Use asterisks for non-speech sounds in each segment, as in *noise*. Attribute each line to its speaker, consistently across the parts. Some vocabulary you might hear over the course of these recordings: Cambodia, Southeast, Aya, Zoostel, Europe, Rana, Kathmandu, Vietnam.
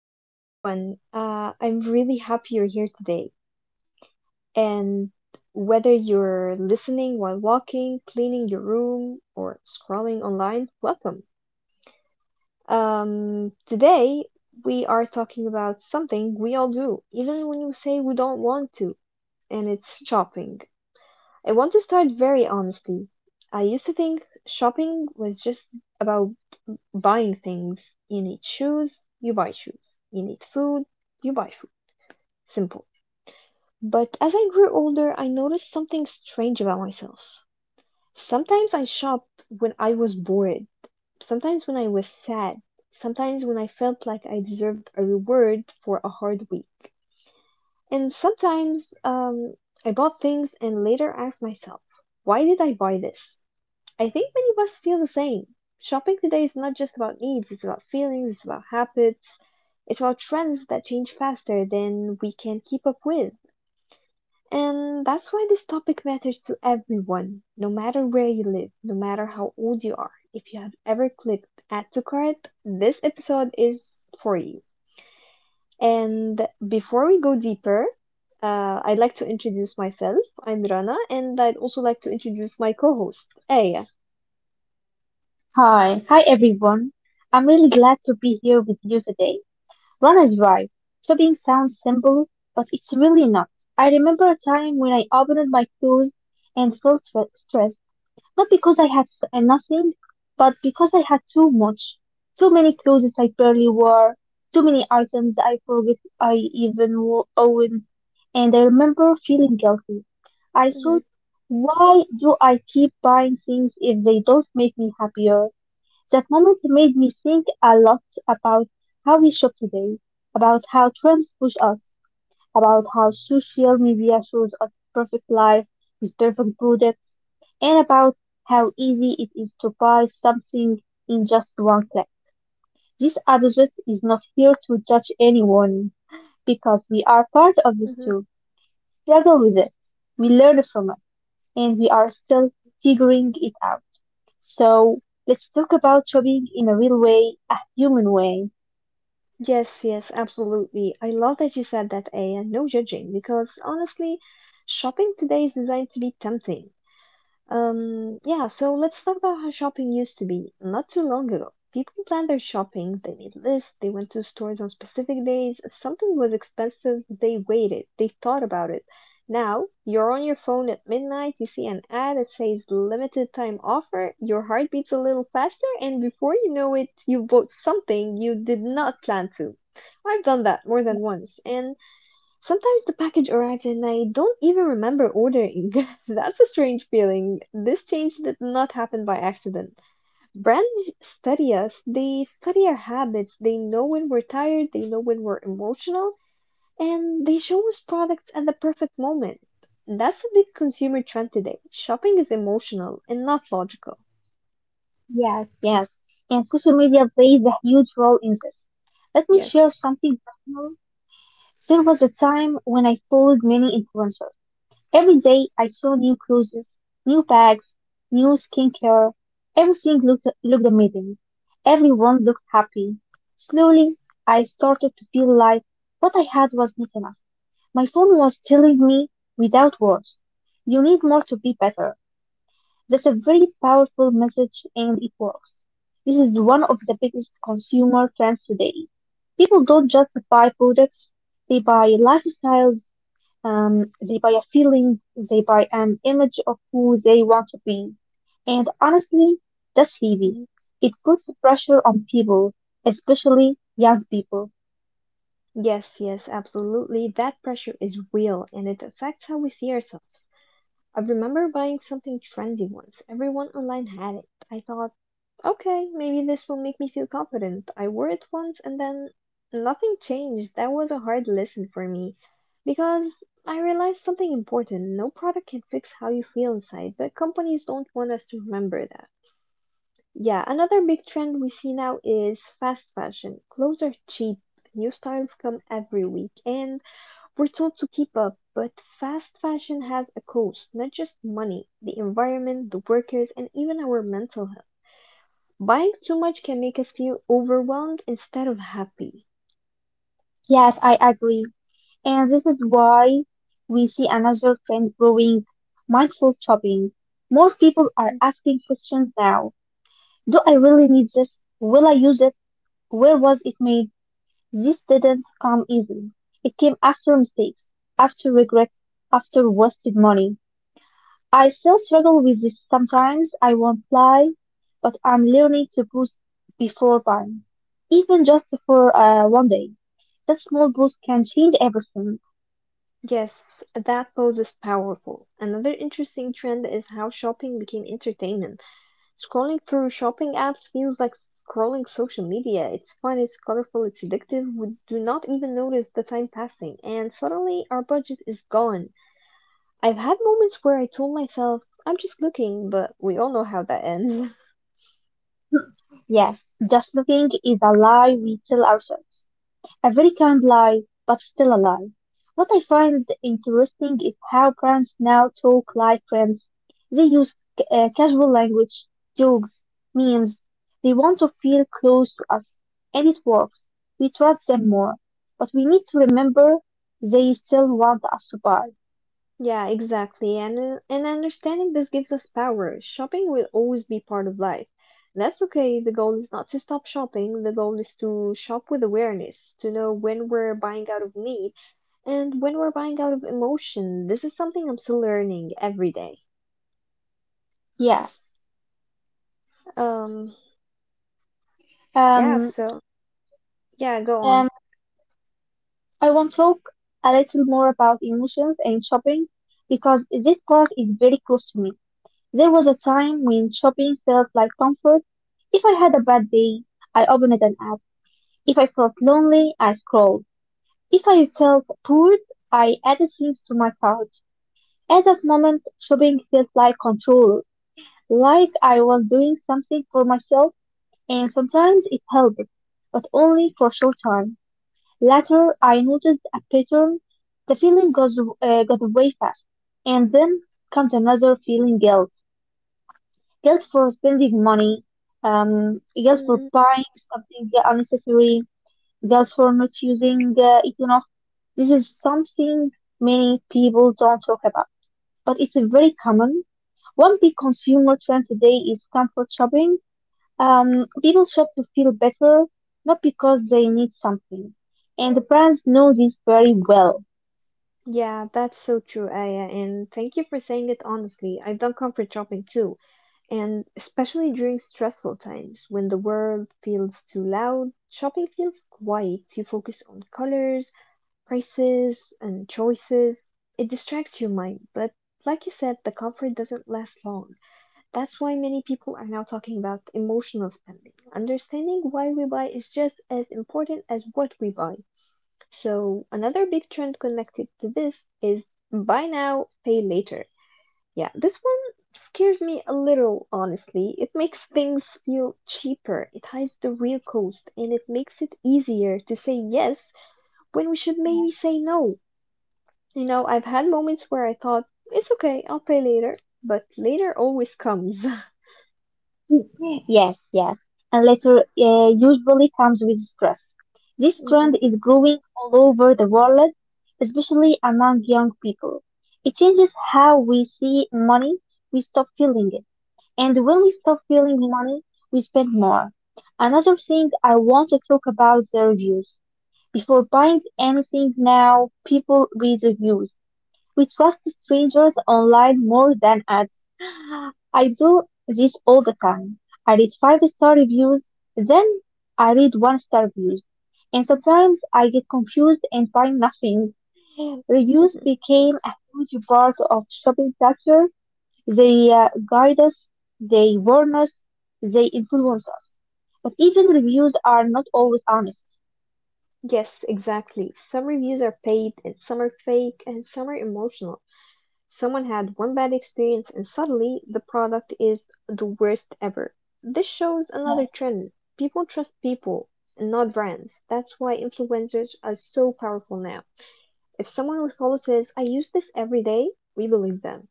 Speaker 1: Hello, everyone. I'm really happy you're here today. And whether you're listening while walking, cleaning your room, or scrolling online, welcome. Today, we are talking about something we all do, even when you say we don't want to, and it's shopping. I want to start very honestly. I used to think shopping was just about buying things. You need shoes, you buy shoes. You need food, you buy food. Simple. But as I grew older, I noticed something strange about myself. Sometimes I shopped when I was bored, sometimes when I was sad, sometimes when I felt like I deserved a reward for a hard week. And sometimes I bought things and later asked myself, why did I buy this? I think many of us feel the same. Shopping today is not just about needs, it's about feelings, it's about habits, it's about trends that change faster than we can keep up with. And that's why this topic matters to everyone, no matter where you live, no matter how old you are. If you have ever clicked add to cart, this episode is for you. And before we go deeper, I'd like to introduce myself. I'm Rana, and I'd also like to introduce my co host, Aya.
Speaker 2: Hi everyone. I'm really glad to be here with you today. Ron is right. Shopping sounds simple, but it's really not. I remember a time when I opened my clothes and felt stressed, not because I had nothing, but because I had too much. Too many clothes I barely wore, too many items I forgot I even owned, and I remember feeling guilty. I
Speaker 1: Hmm.
Speaker 2: thought, why do I keep buying things if they don't make me happier? That moment made me think a lot about how we shop today, about how trends push us, about how social media shows us perfect life with perfect products, and about how easy it is to buy something in just one click. This episode is not here to judge anyone because we are part of this
Speaker 1: Hmm.
Speaker 2: too, struggle with it, we learn from it, and we are still figuring it out. So let's talk about shopping in a real way, a human way.
Speaker 1: Yes, yes, absolutely. I love that you said that, Aya. No judging, because honestly, shopping today is designed to be tempting. Yeah, so let's talk about how shopping used to be not too long ago. People planned their shopping, they made lists, they went to stores on specific days. If something was expensive, they waited, they thought about it. Now, you're on your phone at midnight, you see an ad that says limited time offer, your heart beats a little faster, and before you know it, you bought something you did not plan to. I've done that more than once, and sometimes the package arrives and I don't even remember ordering. *laughs* That's a strange feeling. This change did not happen by accident. Brands study us, they study our habits, they know when we're tired, they know when we're emotional, and they show us products at the perfect moment. That's a big consumer trend today. Shopping is emotional and not logical.
Speaker 2: Yes. Yes, and social media plays a huge role in this. Let me share
Speaker 1: Yes.
Speaker 2: something personal. There was a time when I followed many influencers. Every day I saw new cruises, new bags, new skincare. Everything looked amazing. Everyone looked happy. Slowly, I started to feel like what I had was not enough. My phone was telling me without words, you need more to be better. That's a very powerful message and it works. This is one of the biggest consumer trends today. People don't just buy products, they buy lifestyles, they buy a feeling, they buy an image of who they want to be. And honestly, that's heavy.
Speaker 1: Mhm.
Speaker 2: It puts pressure on people, especially young people.
Speaker 1: Yes, yes, absolutely. That pressure is real and it affects how we see ourselves. I remember buying something trendy once. Everyone online had it. I thought, okay, maybe this will make me feel confident. I wore it once and then nothing changed. That was a hard lesson for me because I realized something important. No product can fix how you feel inside, but companies don't want us to remember that. Yeah, another big trend we see now is fast fashion. Clothes are cheap, new styles come every week, and we're told to keep up, but fast fashion has a cost, not just money, the environment, the workers, and even our mental health. Buying too much can make us feel overwhelmed instead of happy.
Speaker 2: Yes, I agree. And this is why we see another trend growing mindful shopping. More people are asking questions now. Do I really need this? Will I use it? Where was it made? This didn't come easily. It came after mistakes, after regret, after wasted money. I still struggle with this sometimes, I won't lie, but I'm learning to boost before buying, even just for one day. That small boost can change everything.
Speaker 1: Yes, that pose is powerful. Another interesting trend is how shopping became entertainment. Scrolling through shopping apps feels like scrolling social media. It's fun, it's colorful, it's addictive. We do not even notice the time passing, and suddenly our budget is gone. I've had moments where I told myself, I'm just looking, but we all know how that ends. *laughs*
Speaker 2: Yes, just looking is a lie we tell ourselves. A very kind lie, but still a lie. What I find interesting is how parents now talk like friends. They use casual language, jokes, memes. They want to feel close to us, and it works. We trust them more. But we need to remember they still want us to buy.
Speaker 1: Yeah, exactly. And understanding this gives us power. Shopping will always be part of life. That's okay. The goal is not to stop shopping. The goal is to shop with awareness, to know when we're buying out of need and when we're buying out of emotion. This is something I'm still learning every day.
Speaker 2: Yes.
Speaker 1: Um, yeah,
Speaker 2: Um,
Speaker 1: so yeah, go on.
Speaker 2: um, I want to talk a little more about emotions and shopping because this part is very close to me. There was a time when shopping felt like comfort. If I had a bad day, I opened an app. If I felt lonely, I scrolled. If I felt bored, I added things to my cart. At that moment, shopping felt like control, like I was doing something for myself, and sometimes it helped, but only for a short time. Later I noticed a pattern. The feeling goes got away fast, and then comes another feeling: guilt, guilt for spending money, guilt for
Speaker 1: Mm.
Speaker 2: buying something unnecessary, guilt for not using it enough. This is something many people don't talk about, but it's very common. One big consumer trend today is comfort shopping. People shop to feel better, not because they need something and the brands know this very well.
Speaker 1: Yeah, that's so true, Aya, and thank you for saying it honestly. I've done comfort shopping too, and especially during stressful times when the world feels too loud, shopping feels quiet. You focus on colors, prices, and choices. It distracts your mind, but like you said, the comfort doesn't last long. That's why many people are now talking about emotional spending. Understanding why we buy is just as important as what we buy. So another big trend connected to this is buy now, pay later. Yeah, this one scares me a little, honestly. It makes things feel cheaper, it hides the real cost, and it makes it easier to say yes when we should maybe say no. You know, I've had moments where I thought, it's okay, I'll pay later, but later always comes. *laughs*
Speaker 2: Mm-hmm. Yes, yes. And later usually comes with stress. This
Speaker 1: Mm.
Speaker 2: trend is growing all over the world, especially among young people. It changes how we see money, we stop feeling it. And when we stop feeling money, we spend more. Another thing I want to talk about the reviews. Before buying anything now, people read reviews. We trust strangers online more than ads. I do this all the time. I read five-star reviews, then I read one star reviews. And sometimes I get confused and find nothing. Reviews
Speaker 1: Mhm.
Speaker 2: became a huge part of shopping culture. They guide us, they warn us, they influence us. But even reviews are not always honest.
Speaker 1: Yes, exactly. Some reviews are paid and some are fake and some are emotional. Someone had one bad experience and suddenly the product is the worst ever. This shows another
Speaker 2: Yeah.
Speaker 1: trend. People trust people not brands. That's why influencers are so powerful now. If someone we follow says, I use this every day, we believe them.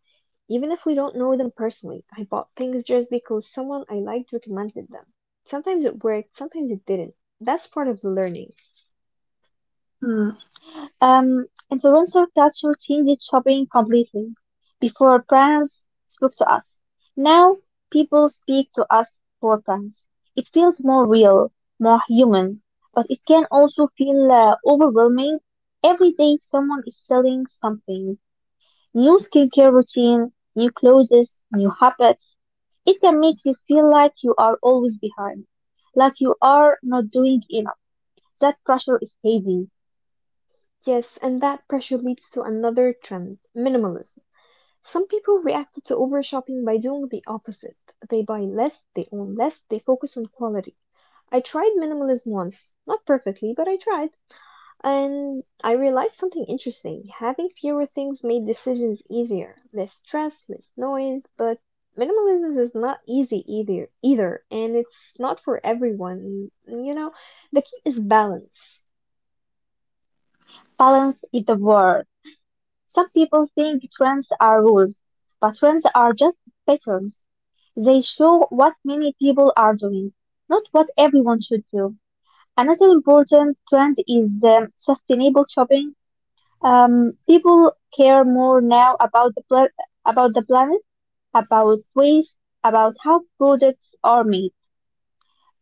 Speaker 1: Even if we don't know them personally, I bought things just because someone I liked recommended them. Sometimes it worked, sometimes it didn't. That's part of the learning.
Speaker 2: Hmm. Um, Influencer culture changed shopping completely. Before brands spoke to us. Now people speak to us for brands. It feels more real, more human, but it can also feel overwhelming. Every day someone is selling something. New skincare routine, new clothes, new habits. It can make you feel like you are always behind, like you are not doing enough. That pressure is heavy.
Speaker 1: Yes, and that pressure leads to another trend, minimalism. Some people reacted to over shopping by doing the opposite. They buy less, they own less, they focus on quality. I tried minimalism once, not perfectly, but I tried, and I realized something interesting. Having fewer things made decisions easier, less stress, less noise, but minimalism is not easy either, and it's not for everyone. You know, the key is balance.
Speaker 2: Balance is the word. Some people think trends are rules, but trends are just patterns. They show what many people are doing, not what everyone should do. Another important trend is sustainable shopping. People care more now about the about the planet, about waste, about how products are made.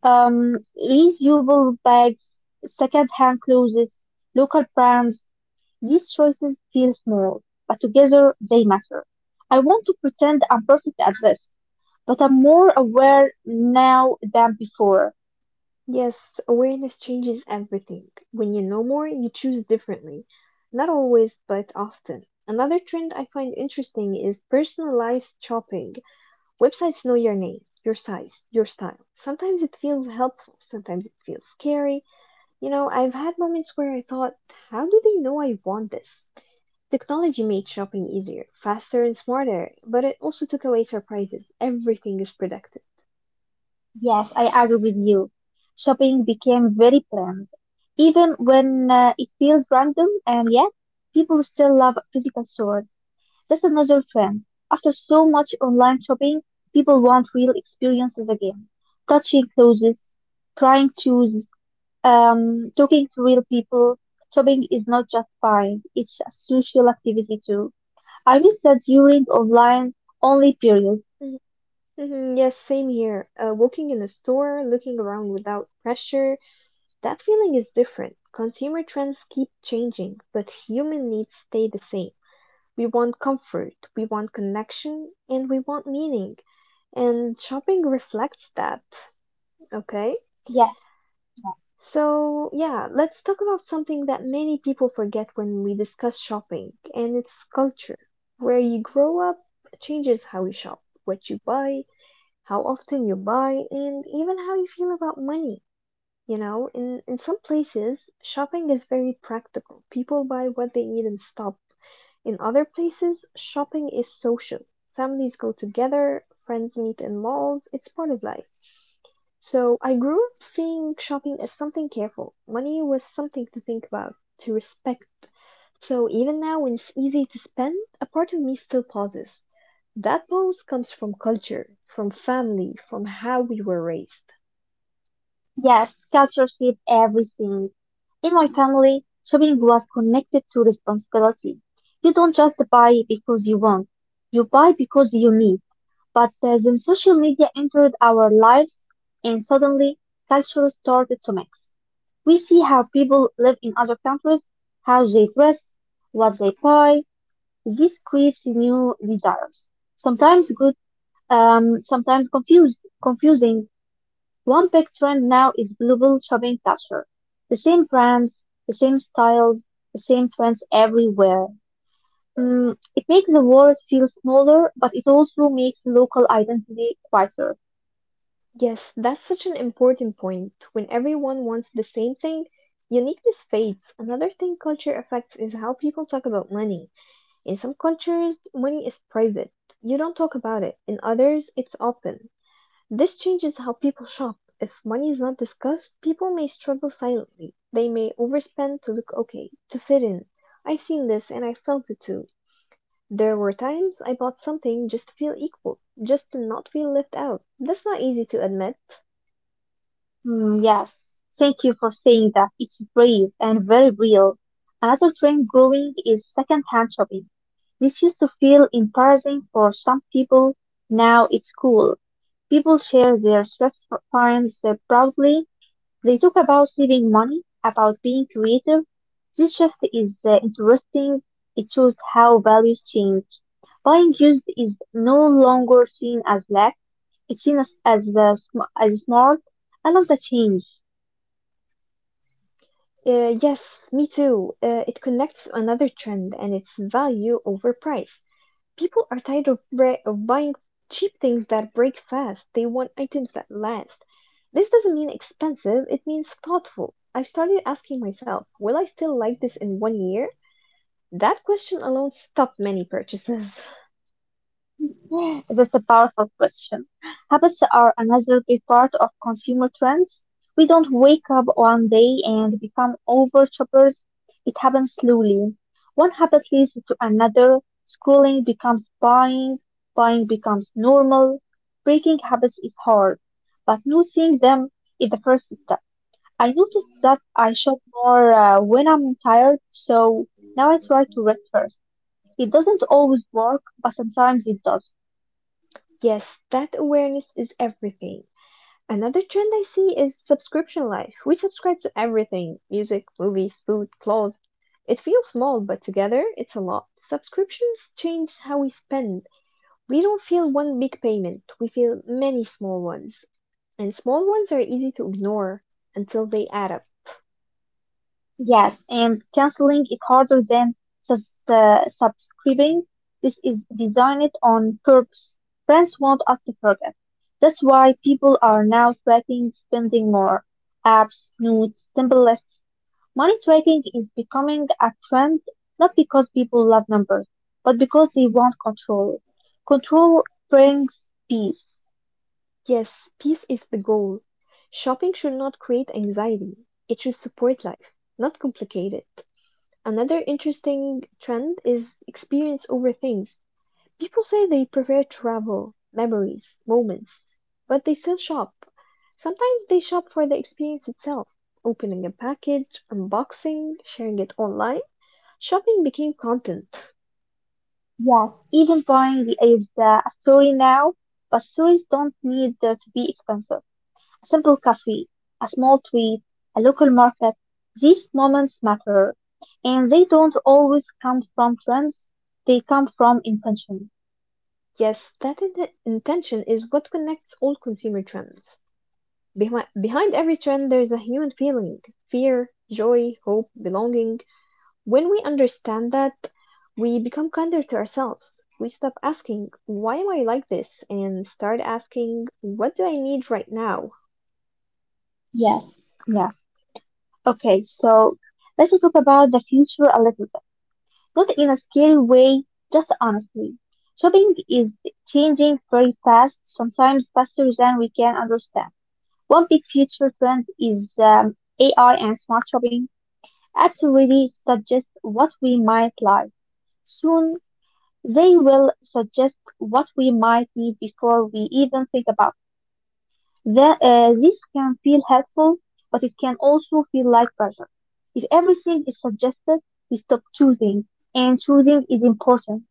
Speaker 2: Reusable bags, second-hand clothes, local brands. These choices feel small, but together they matter. I want to pretend I'm perfect at this, but I'm more aware now than before.
Speaker 1: Yes, awareness changes everything. When you know more, you choose differently. Not always, but often. Another trend I find interesting is personalized shopping. Websites know your name, your size, your style. Sometimes it feels helpful, sometimes it feels scary. You know, I've had moments where I thought, how do they know I want this? Technology made shopping easier, faster, and smarter, but it also took away surprises. Everything is predictive.
Speaker 2: Yes, I agree with you. Shopping became very planned, even when it feels random, and yet people still love physical stores. That's another trend. After so much online shopping, people want real experiences again. Touching clothes, trying shoes, talking to real people. Shopping is not just buying, it's a social activity too. I miss that during online only period.
Speaker 1: Mhm. Yes, same here. Walking in a store, looking around without pressure, that feeling is different. Consumer trends keep changing, but human needs stay the same. We want comfort, we want connection, and we want meaning. And shopping reflects that, okay?
Speaker 2: Yes,
Speaker 1: So, yeah, let's talk about something that many people forget when we discuss shopping, and it's culture. Where you grow up changes how you shop, what you buy, how often you buy, and even how you feel about money. You know, in some places, shopping is very practical. People buy what they need and stop. In other places, shopping is social. Families go together, friends meet in malls, it's part of life. So I grew up seeing shopping as something careful. Money was something to think about, to respect. So even now, when it's easy to spend, a part of me still pauses. That pose comes from culture, from family, from how we were raised.
Speaker 2: yes, culture shapes everything. In my family, shopping was connected to responsibility. You don't just buy because you want, you buy because you need. But then social media entered our lives, and suddenly cultures started to mix. We see how people live in other countries, how they dress, what they buy. This creates new desires, sometimes good, sometimes confusing. One big trend now is global shopping culture. The same brands, the same styles, the same trends everywhere. It makes the world feel smaller, but it also makes local identity quieter.
Speaker 1: Yes, that's such an important point. When everyone wants the same thing, uniqueness fades. Another thing culture affects is how people talk about money. In some cultures, money is private. You don't talk about it. In others, it's open. This changes how people shop. If money is not discussed, people may struggle silently. They may overspend to look okay, to fit in. I've seen this and I felt it too. There were times I bought something just to feel equal, just to not feel left out. That's not easy to admit.
Speaker 2: Mm, yes, thank you for saying that. It's brave and very real. Another trend growing is second-hand shopping. This used to feel embarrassing for some people. Now it's cool. People share their thrift finds proudly. They talk about saving money, about being creative. This shift is interesting. It shows how values change. Buying used is no longer seen as lack. It's seen as smart. I love the change.
Speaker 1: Yes, me too. It connects to another trend, and it's value over price. People are tired of buying cheap things that break fast. They want items that last. This doesn't mean expensive, it means thoughtful. I've started asking myself, will I still like this in one year? That question alone stopped many purchases. *laughs*
Speaker 2: *laughs* That's a powerful question. Habits are another big part of consumer trends. We don't wake up one day and become over shoppers. It happens slowly. One habit leads to another. Scrolling becomes buying. Buying becomes normal. Breaking habits is hard, but noticing them is the first step. I noticed that I shop more when I'm tired, so now I try to rest first. It doesn't always work, but sometimes it does.
Speaker 1: Yes, that awareness is everything. Another trend I see is subscription life. We subscribe to everything music, movies, food, clothes. It feels small, but together it's a lot. Subscriptions change how we spend. We don't feel one big payment, we feel many small ones. And small ones are easy to ignore until they add up.
Speaker 2: Yes, and canceling is harder than subscribing. This is designed on purpose. Friends want us to forget. That's why people are now tracking spending more. Apps, notes, simple lists. Money tracking is becoming a trend not because people love numbers, but because they want control. Control brings peace.
Speaker 1: Yes, peace is the goal. Shopping should not create anxiety, it should support life, not complicate it. Another interesting trend is experience over things. People say they prefer travel, memories, moments, but they still shop. Sometimes they shop for the experience itself, opening a package, unboxing, sharing it online. Shopping became content.
Speaker 2: Yes, even buying is a story now, but stories don't need to be expensive. A simple cafe, a small tweet, a local market. These moments matter, and they don't always come from trends, they come from intention.
Speaker 1: Yes, that intention is what connects all consumer trends. Behind every trend, there is a human feeling fear, joy, hope, belonging. When we understand that, we become kinder to ourselves. We stop asking, why am I like this? And start asking, what do I need right now?
Speaker 2: Yes, yes. Okay, so let's talk about the future a little bit. Not in a scary way, just honestly. Shopping is changing very fast, sometimes faster than we can understand. One big future trend is AI and smart shopping apps already suggest what we might like. Soon, they will suggest what we might need before we even think about it. This can feel helpful, but it can also feel like pressure. If everything is suggested, we stop choosing, and choosing is important.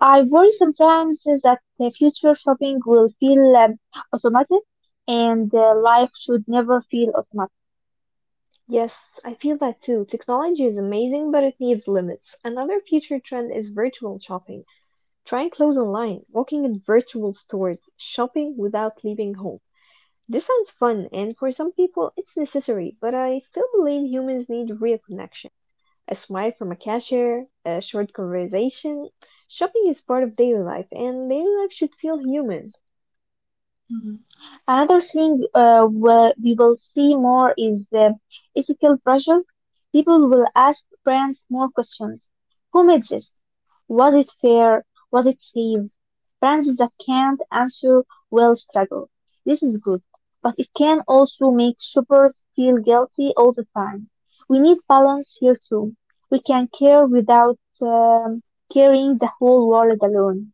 Speaker 2: I worry sometimes is that the future shopping will feel automatic, and life should never feel automatic.
Speaker 1: Yes, I feel that too. Technology is amazing, but it needs limits. Another future trend is virtual shopping. Trying clothes online, walking in virtual stores, shopping without leaving home. This sounds fun, and for some people it's necessary, but I still believe humans need real connection. A smile from a cashier, a short conversation. Shopping is part of daily life, and daily life should feel human.
Speaker 2: Mhm. Another thing will we will see more is the ethical pressure. People will ask parents more questions. Who made this? Was it fair? Was it safe? Parents that can't answer will struggle. This is good, but it can also make shoppers feel guilty all the time. We need balance here too. We can care without carrying the whole world alone.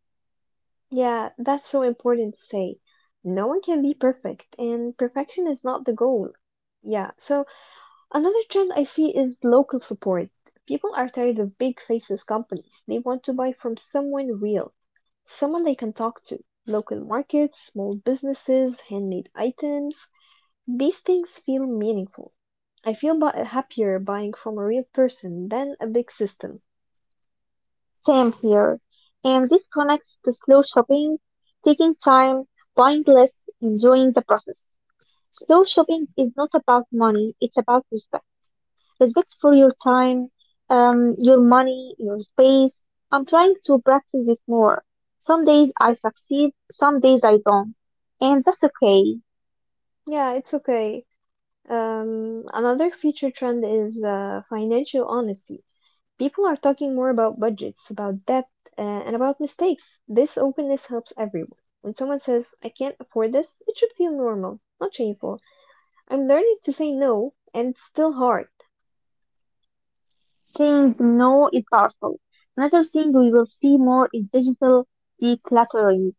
Speaker 1: Yeah, that's so important to say. No one can be perfect, and perfection is not the goal. Yeah, so another trend I see is local support. People are tired of big faces companies. They want to buy from someone real, someone they can talk to. Local markets, small businesses, handmade items. These things feel meaningful. I feel happier buying from a real person than a big system.
Speaker 2: Same here. And this connects to slow shopping, taking time, buying less, enjoying the process. Slow shopping is not about money, it's about respect. Respect for your time, your money, your space. I'm trying to practice this more. Some days I succeed, some days I don't. And that's okay.
Speaker 1: Yeah, it's okay. Another future trend is financial honesty. People are talking more about budgets, about debt, and about mistakes. This openness helps everyone. When someone says, I can't afford this, it should feel normal, not shameful. I'm learning to say no, and it's still hard.
Speaker 2: Saying no is powerful. Another thing we will see more is digital decluttering.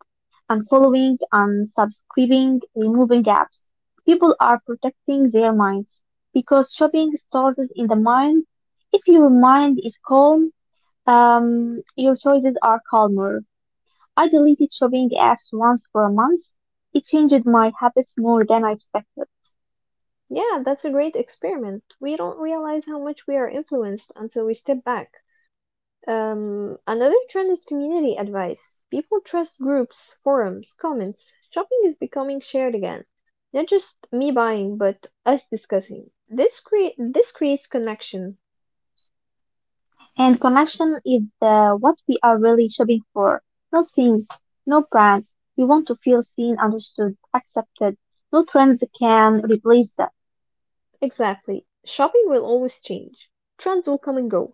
Speaker 2: Unfollowing following and subscribing, removing apps. People are protecting their minds because shopping starts in the mind. If your mind is calm, your choices are calmer. I deleted shopping apps once for a month. It changed my habits more than I expected.
Speaker 1: Yeah, that's a great experiment. We don't realize how much we are influenced until we step back. Another trend is community advice. People trust groups, forums, comments. Shopping is becoming shared again. Not just me buying, but us discussing. This creates connection.
Speaker 2: And connection is what we are really shopping for. No things, no brands. We want to feel seen, understood, accepted. No trends can replace that.
Speaker 1: Exactly. Shopping will always change. Trends will come and go.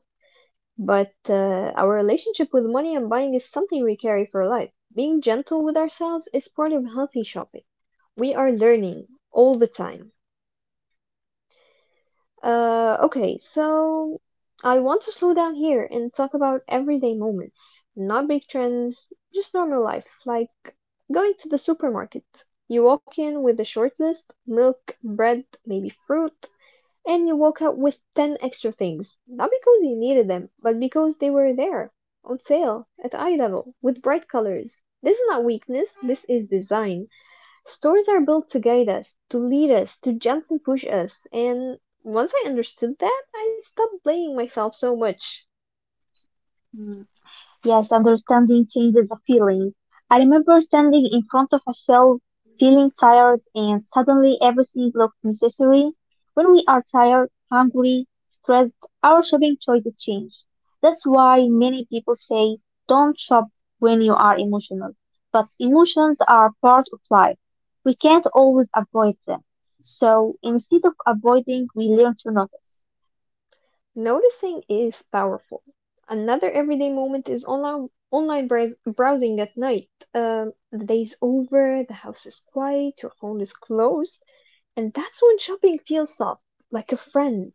Speaker 1: But our relationship with money and buying is something we carry for life. Being gentle with ourselves is part of healthy shopping. We are learning all the time. Okay, so I want to slow down here and talk about everyday moments, not big trends, just normal life, like going to the supermarket. You walk in with a short list, milk, bread, maybe fruit, and you walk out with 10 extra things, not because you needed them, but because they were there, on sale, at eye level, with bright colors. This is not weakness, this is design. Stories are built to guide us, to lead us, to gently push us, and once I understood that, I stopped blaming myself so much.
Speaker 2: Hmm. Yes, understanding changes a feeling. I remember standing in front of a shelf, feeling tired, and suddenly everything looked necessary. When we are tired, hungry, stressed, our shopping choices change. That's why many people say don't shop when you are emotional. But emotions are part of life. We can't always avoid them. So instead of avoiding, we learn to notice.
Speaker 1: Noticing is powerful. Another everyday moment is browsing at night. The day's over, the house is quiet, your phone is closed, and that's when shopping feels soft, like a friend.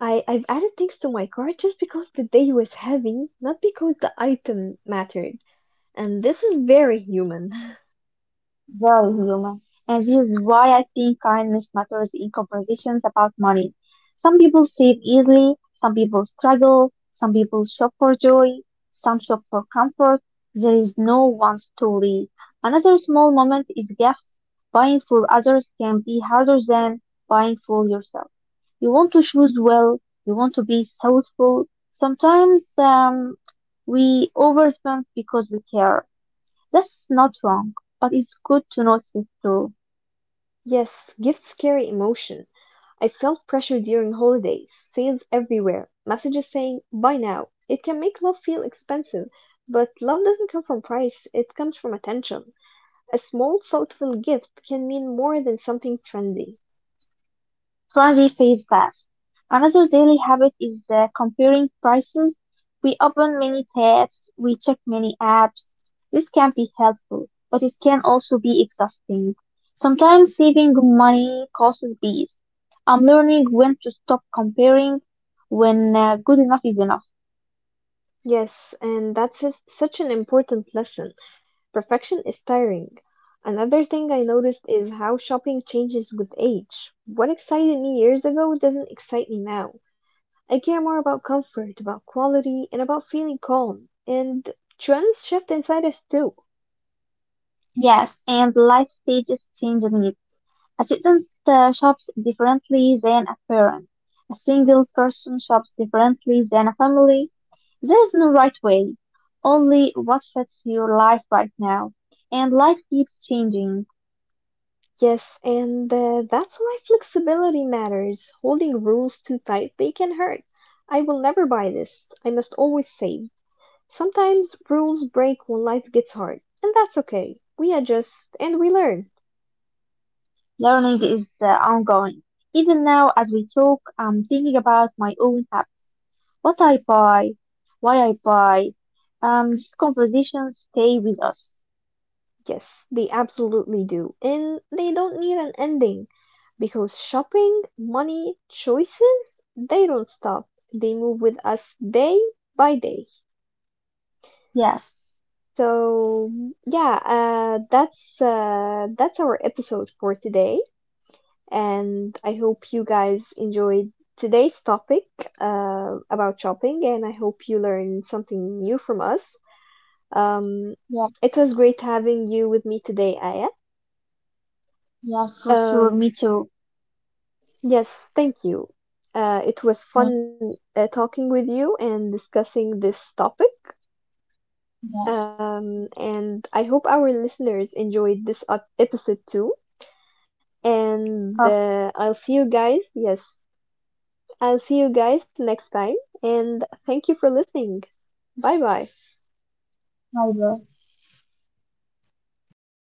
Speaker 1: I've added things to my cart just because the day was heavy, not because the item mattered. And this is very human.
Speaker 2: Very human. And this is why I think kindness matters in conversations about money. Some people save easily, some people struggle, some people shop for joy, some shop for comfort. There is no one story. Another small moment is gifts. Buying for others can be harder than buying for yourself. You want to choose well, you want to be thoughtful. Sometimes we overspend because we care. That's not wrong, but it's good to notice it too.
Speaker 1: Yes, gifts carry emotion. I felt pressure during holidays, sales everywhere, messages saying buy now. It can make love feel expensive, but love doesn't come from price, it comes from attention. A small, thoughtful gift can mean more than something trendy.
Speaker 2: Friendly phase pass. Another daily habit is comparing prices. We open many tabs, we check many apps. This can be helpful, but it can also be exhausting. Sometimes saving money costs peace. I'm learning when to stop comparing, when good enough is enough.
Speaker 1: Yes, and that's just such an important lesson. Perfection is tiring. Another thing I noticed is how shopping changes with age. What excited me years ago doesn't excite me now. I care more about comfort, about quality, and about feeling calm. And trends shift inside us too.
Speaker 2: Yes, and life stages change needs. A Assistants shops differently than a parent. A single person shops differently than a family. There is no right way, only what fits your life right now. And life keeps changing.
Speaker 1: Yes, and that's why flexibility matters. Holding rules too tightly can hurt. I will never buy this. I must always save. Sometimes rules break when life gets hard, and that's okay. We adjust and we learn.
Speaker 2: Learning is ongoing. Even now, as we talk, I'm thinking about my own habits. What I buy, why I buy. These conversations stay with us.
Speaker 1: Yes, they absolutely do. And they don't need an ending because shopping, money, choices, they don't stop. They move with us day by day.
Speaker 2: Yes,
Speaker 1: So, yeah, that's our episode for today, and I hope you guys enjoyed today's topic about shopping, and I hope you learned something new from us. Um,
Speaker 2: yes,
Speaker 1: it was great having you with me today, Aya.
Speaker 2: yes, for sure.
Speaker 1: Um,
Speaker 2: Me too.
Speaker 1: Yes, thank you. It was
Speaker 2: Yes,
Speaker 1: fun talking with you and discussing this topic.
Speaker 2: yes.
Speaker 1: And I hope our listeners enjoyed this episode too. And
Speaker 2: Oh,
Speaker 1: I'll see you guys. Yes, I'll see you guys next time. And thank you for listening. Bye bye.
Speaker 2: my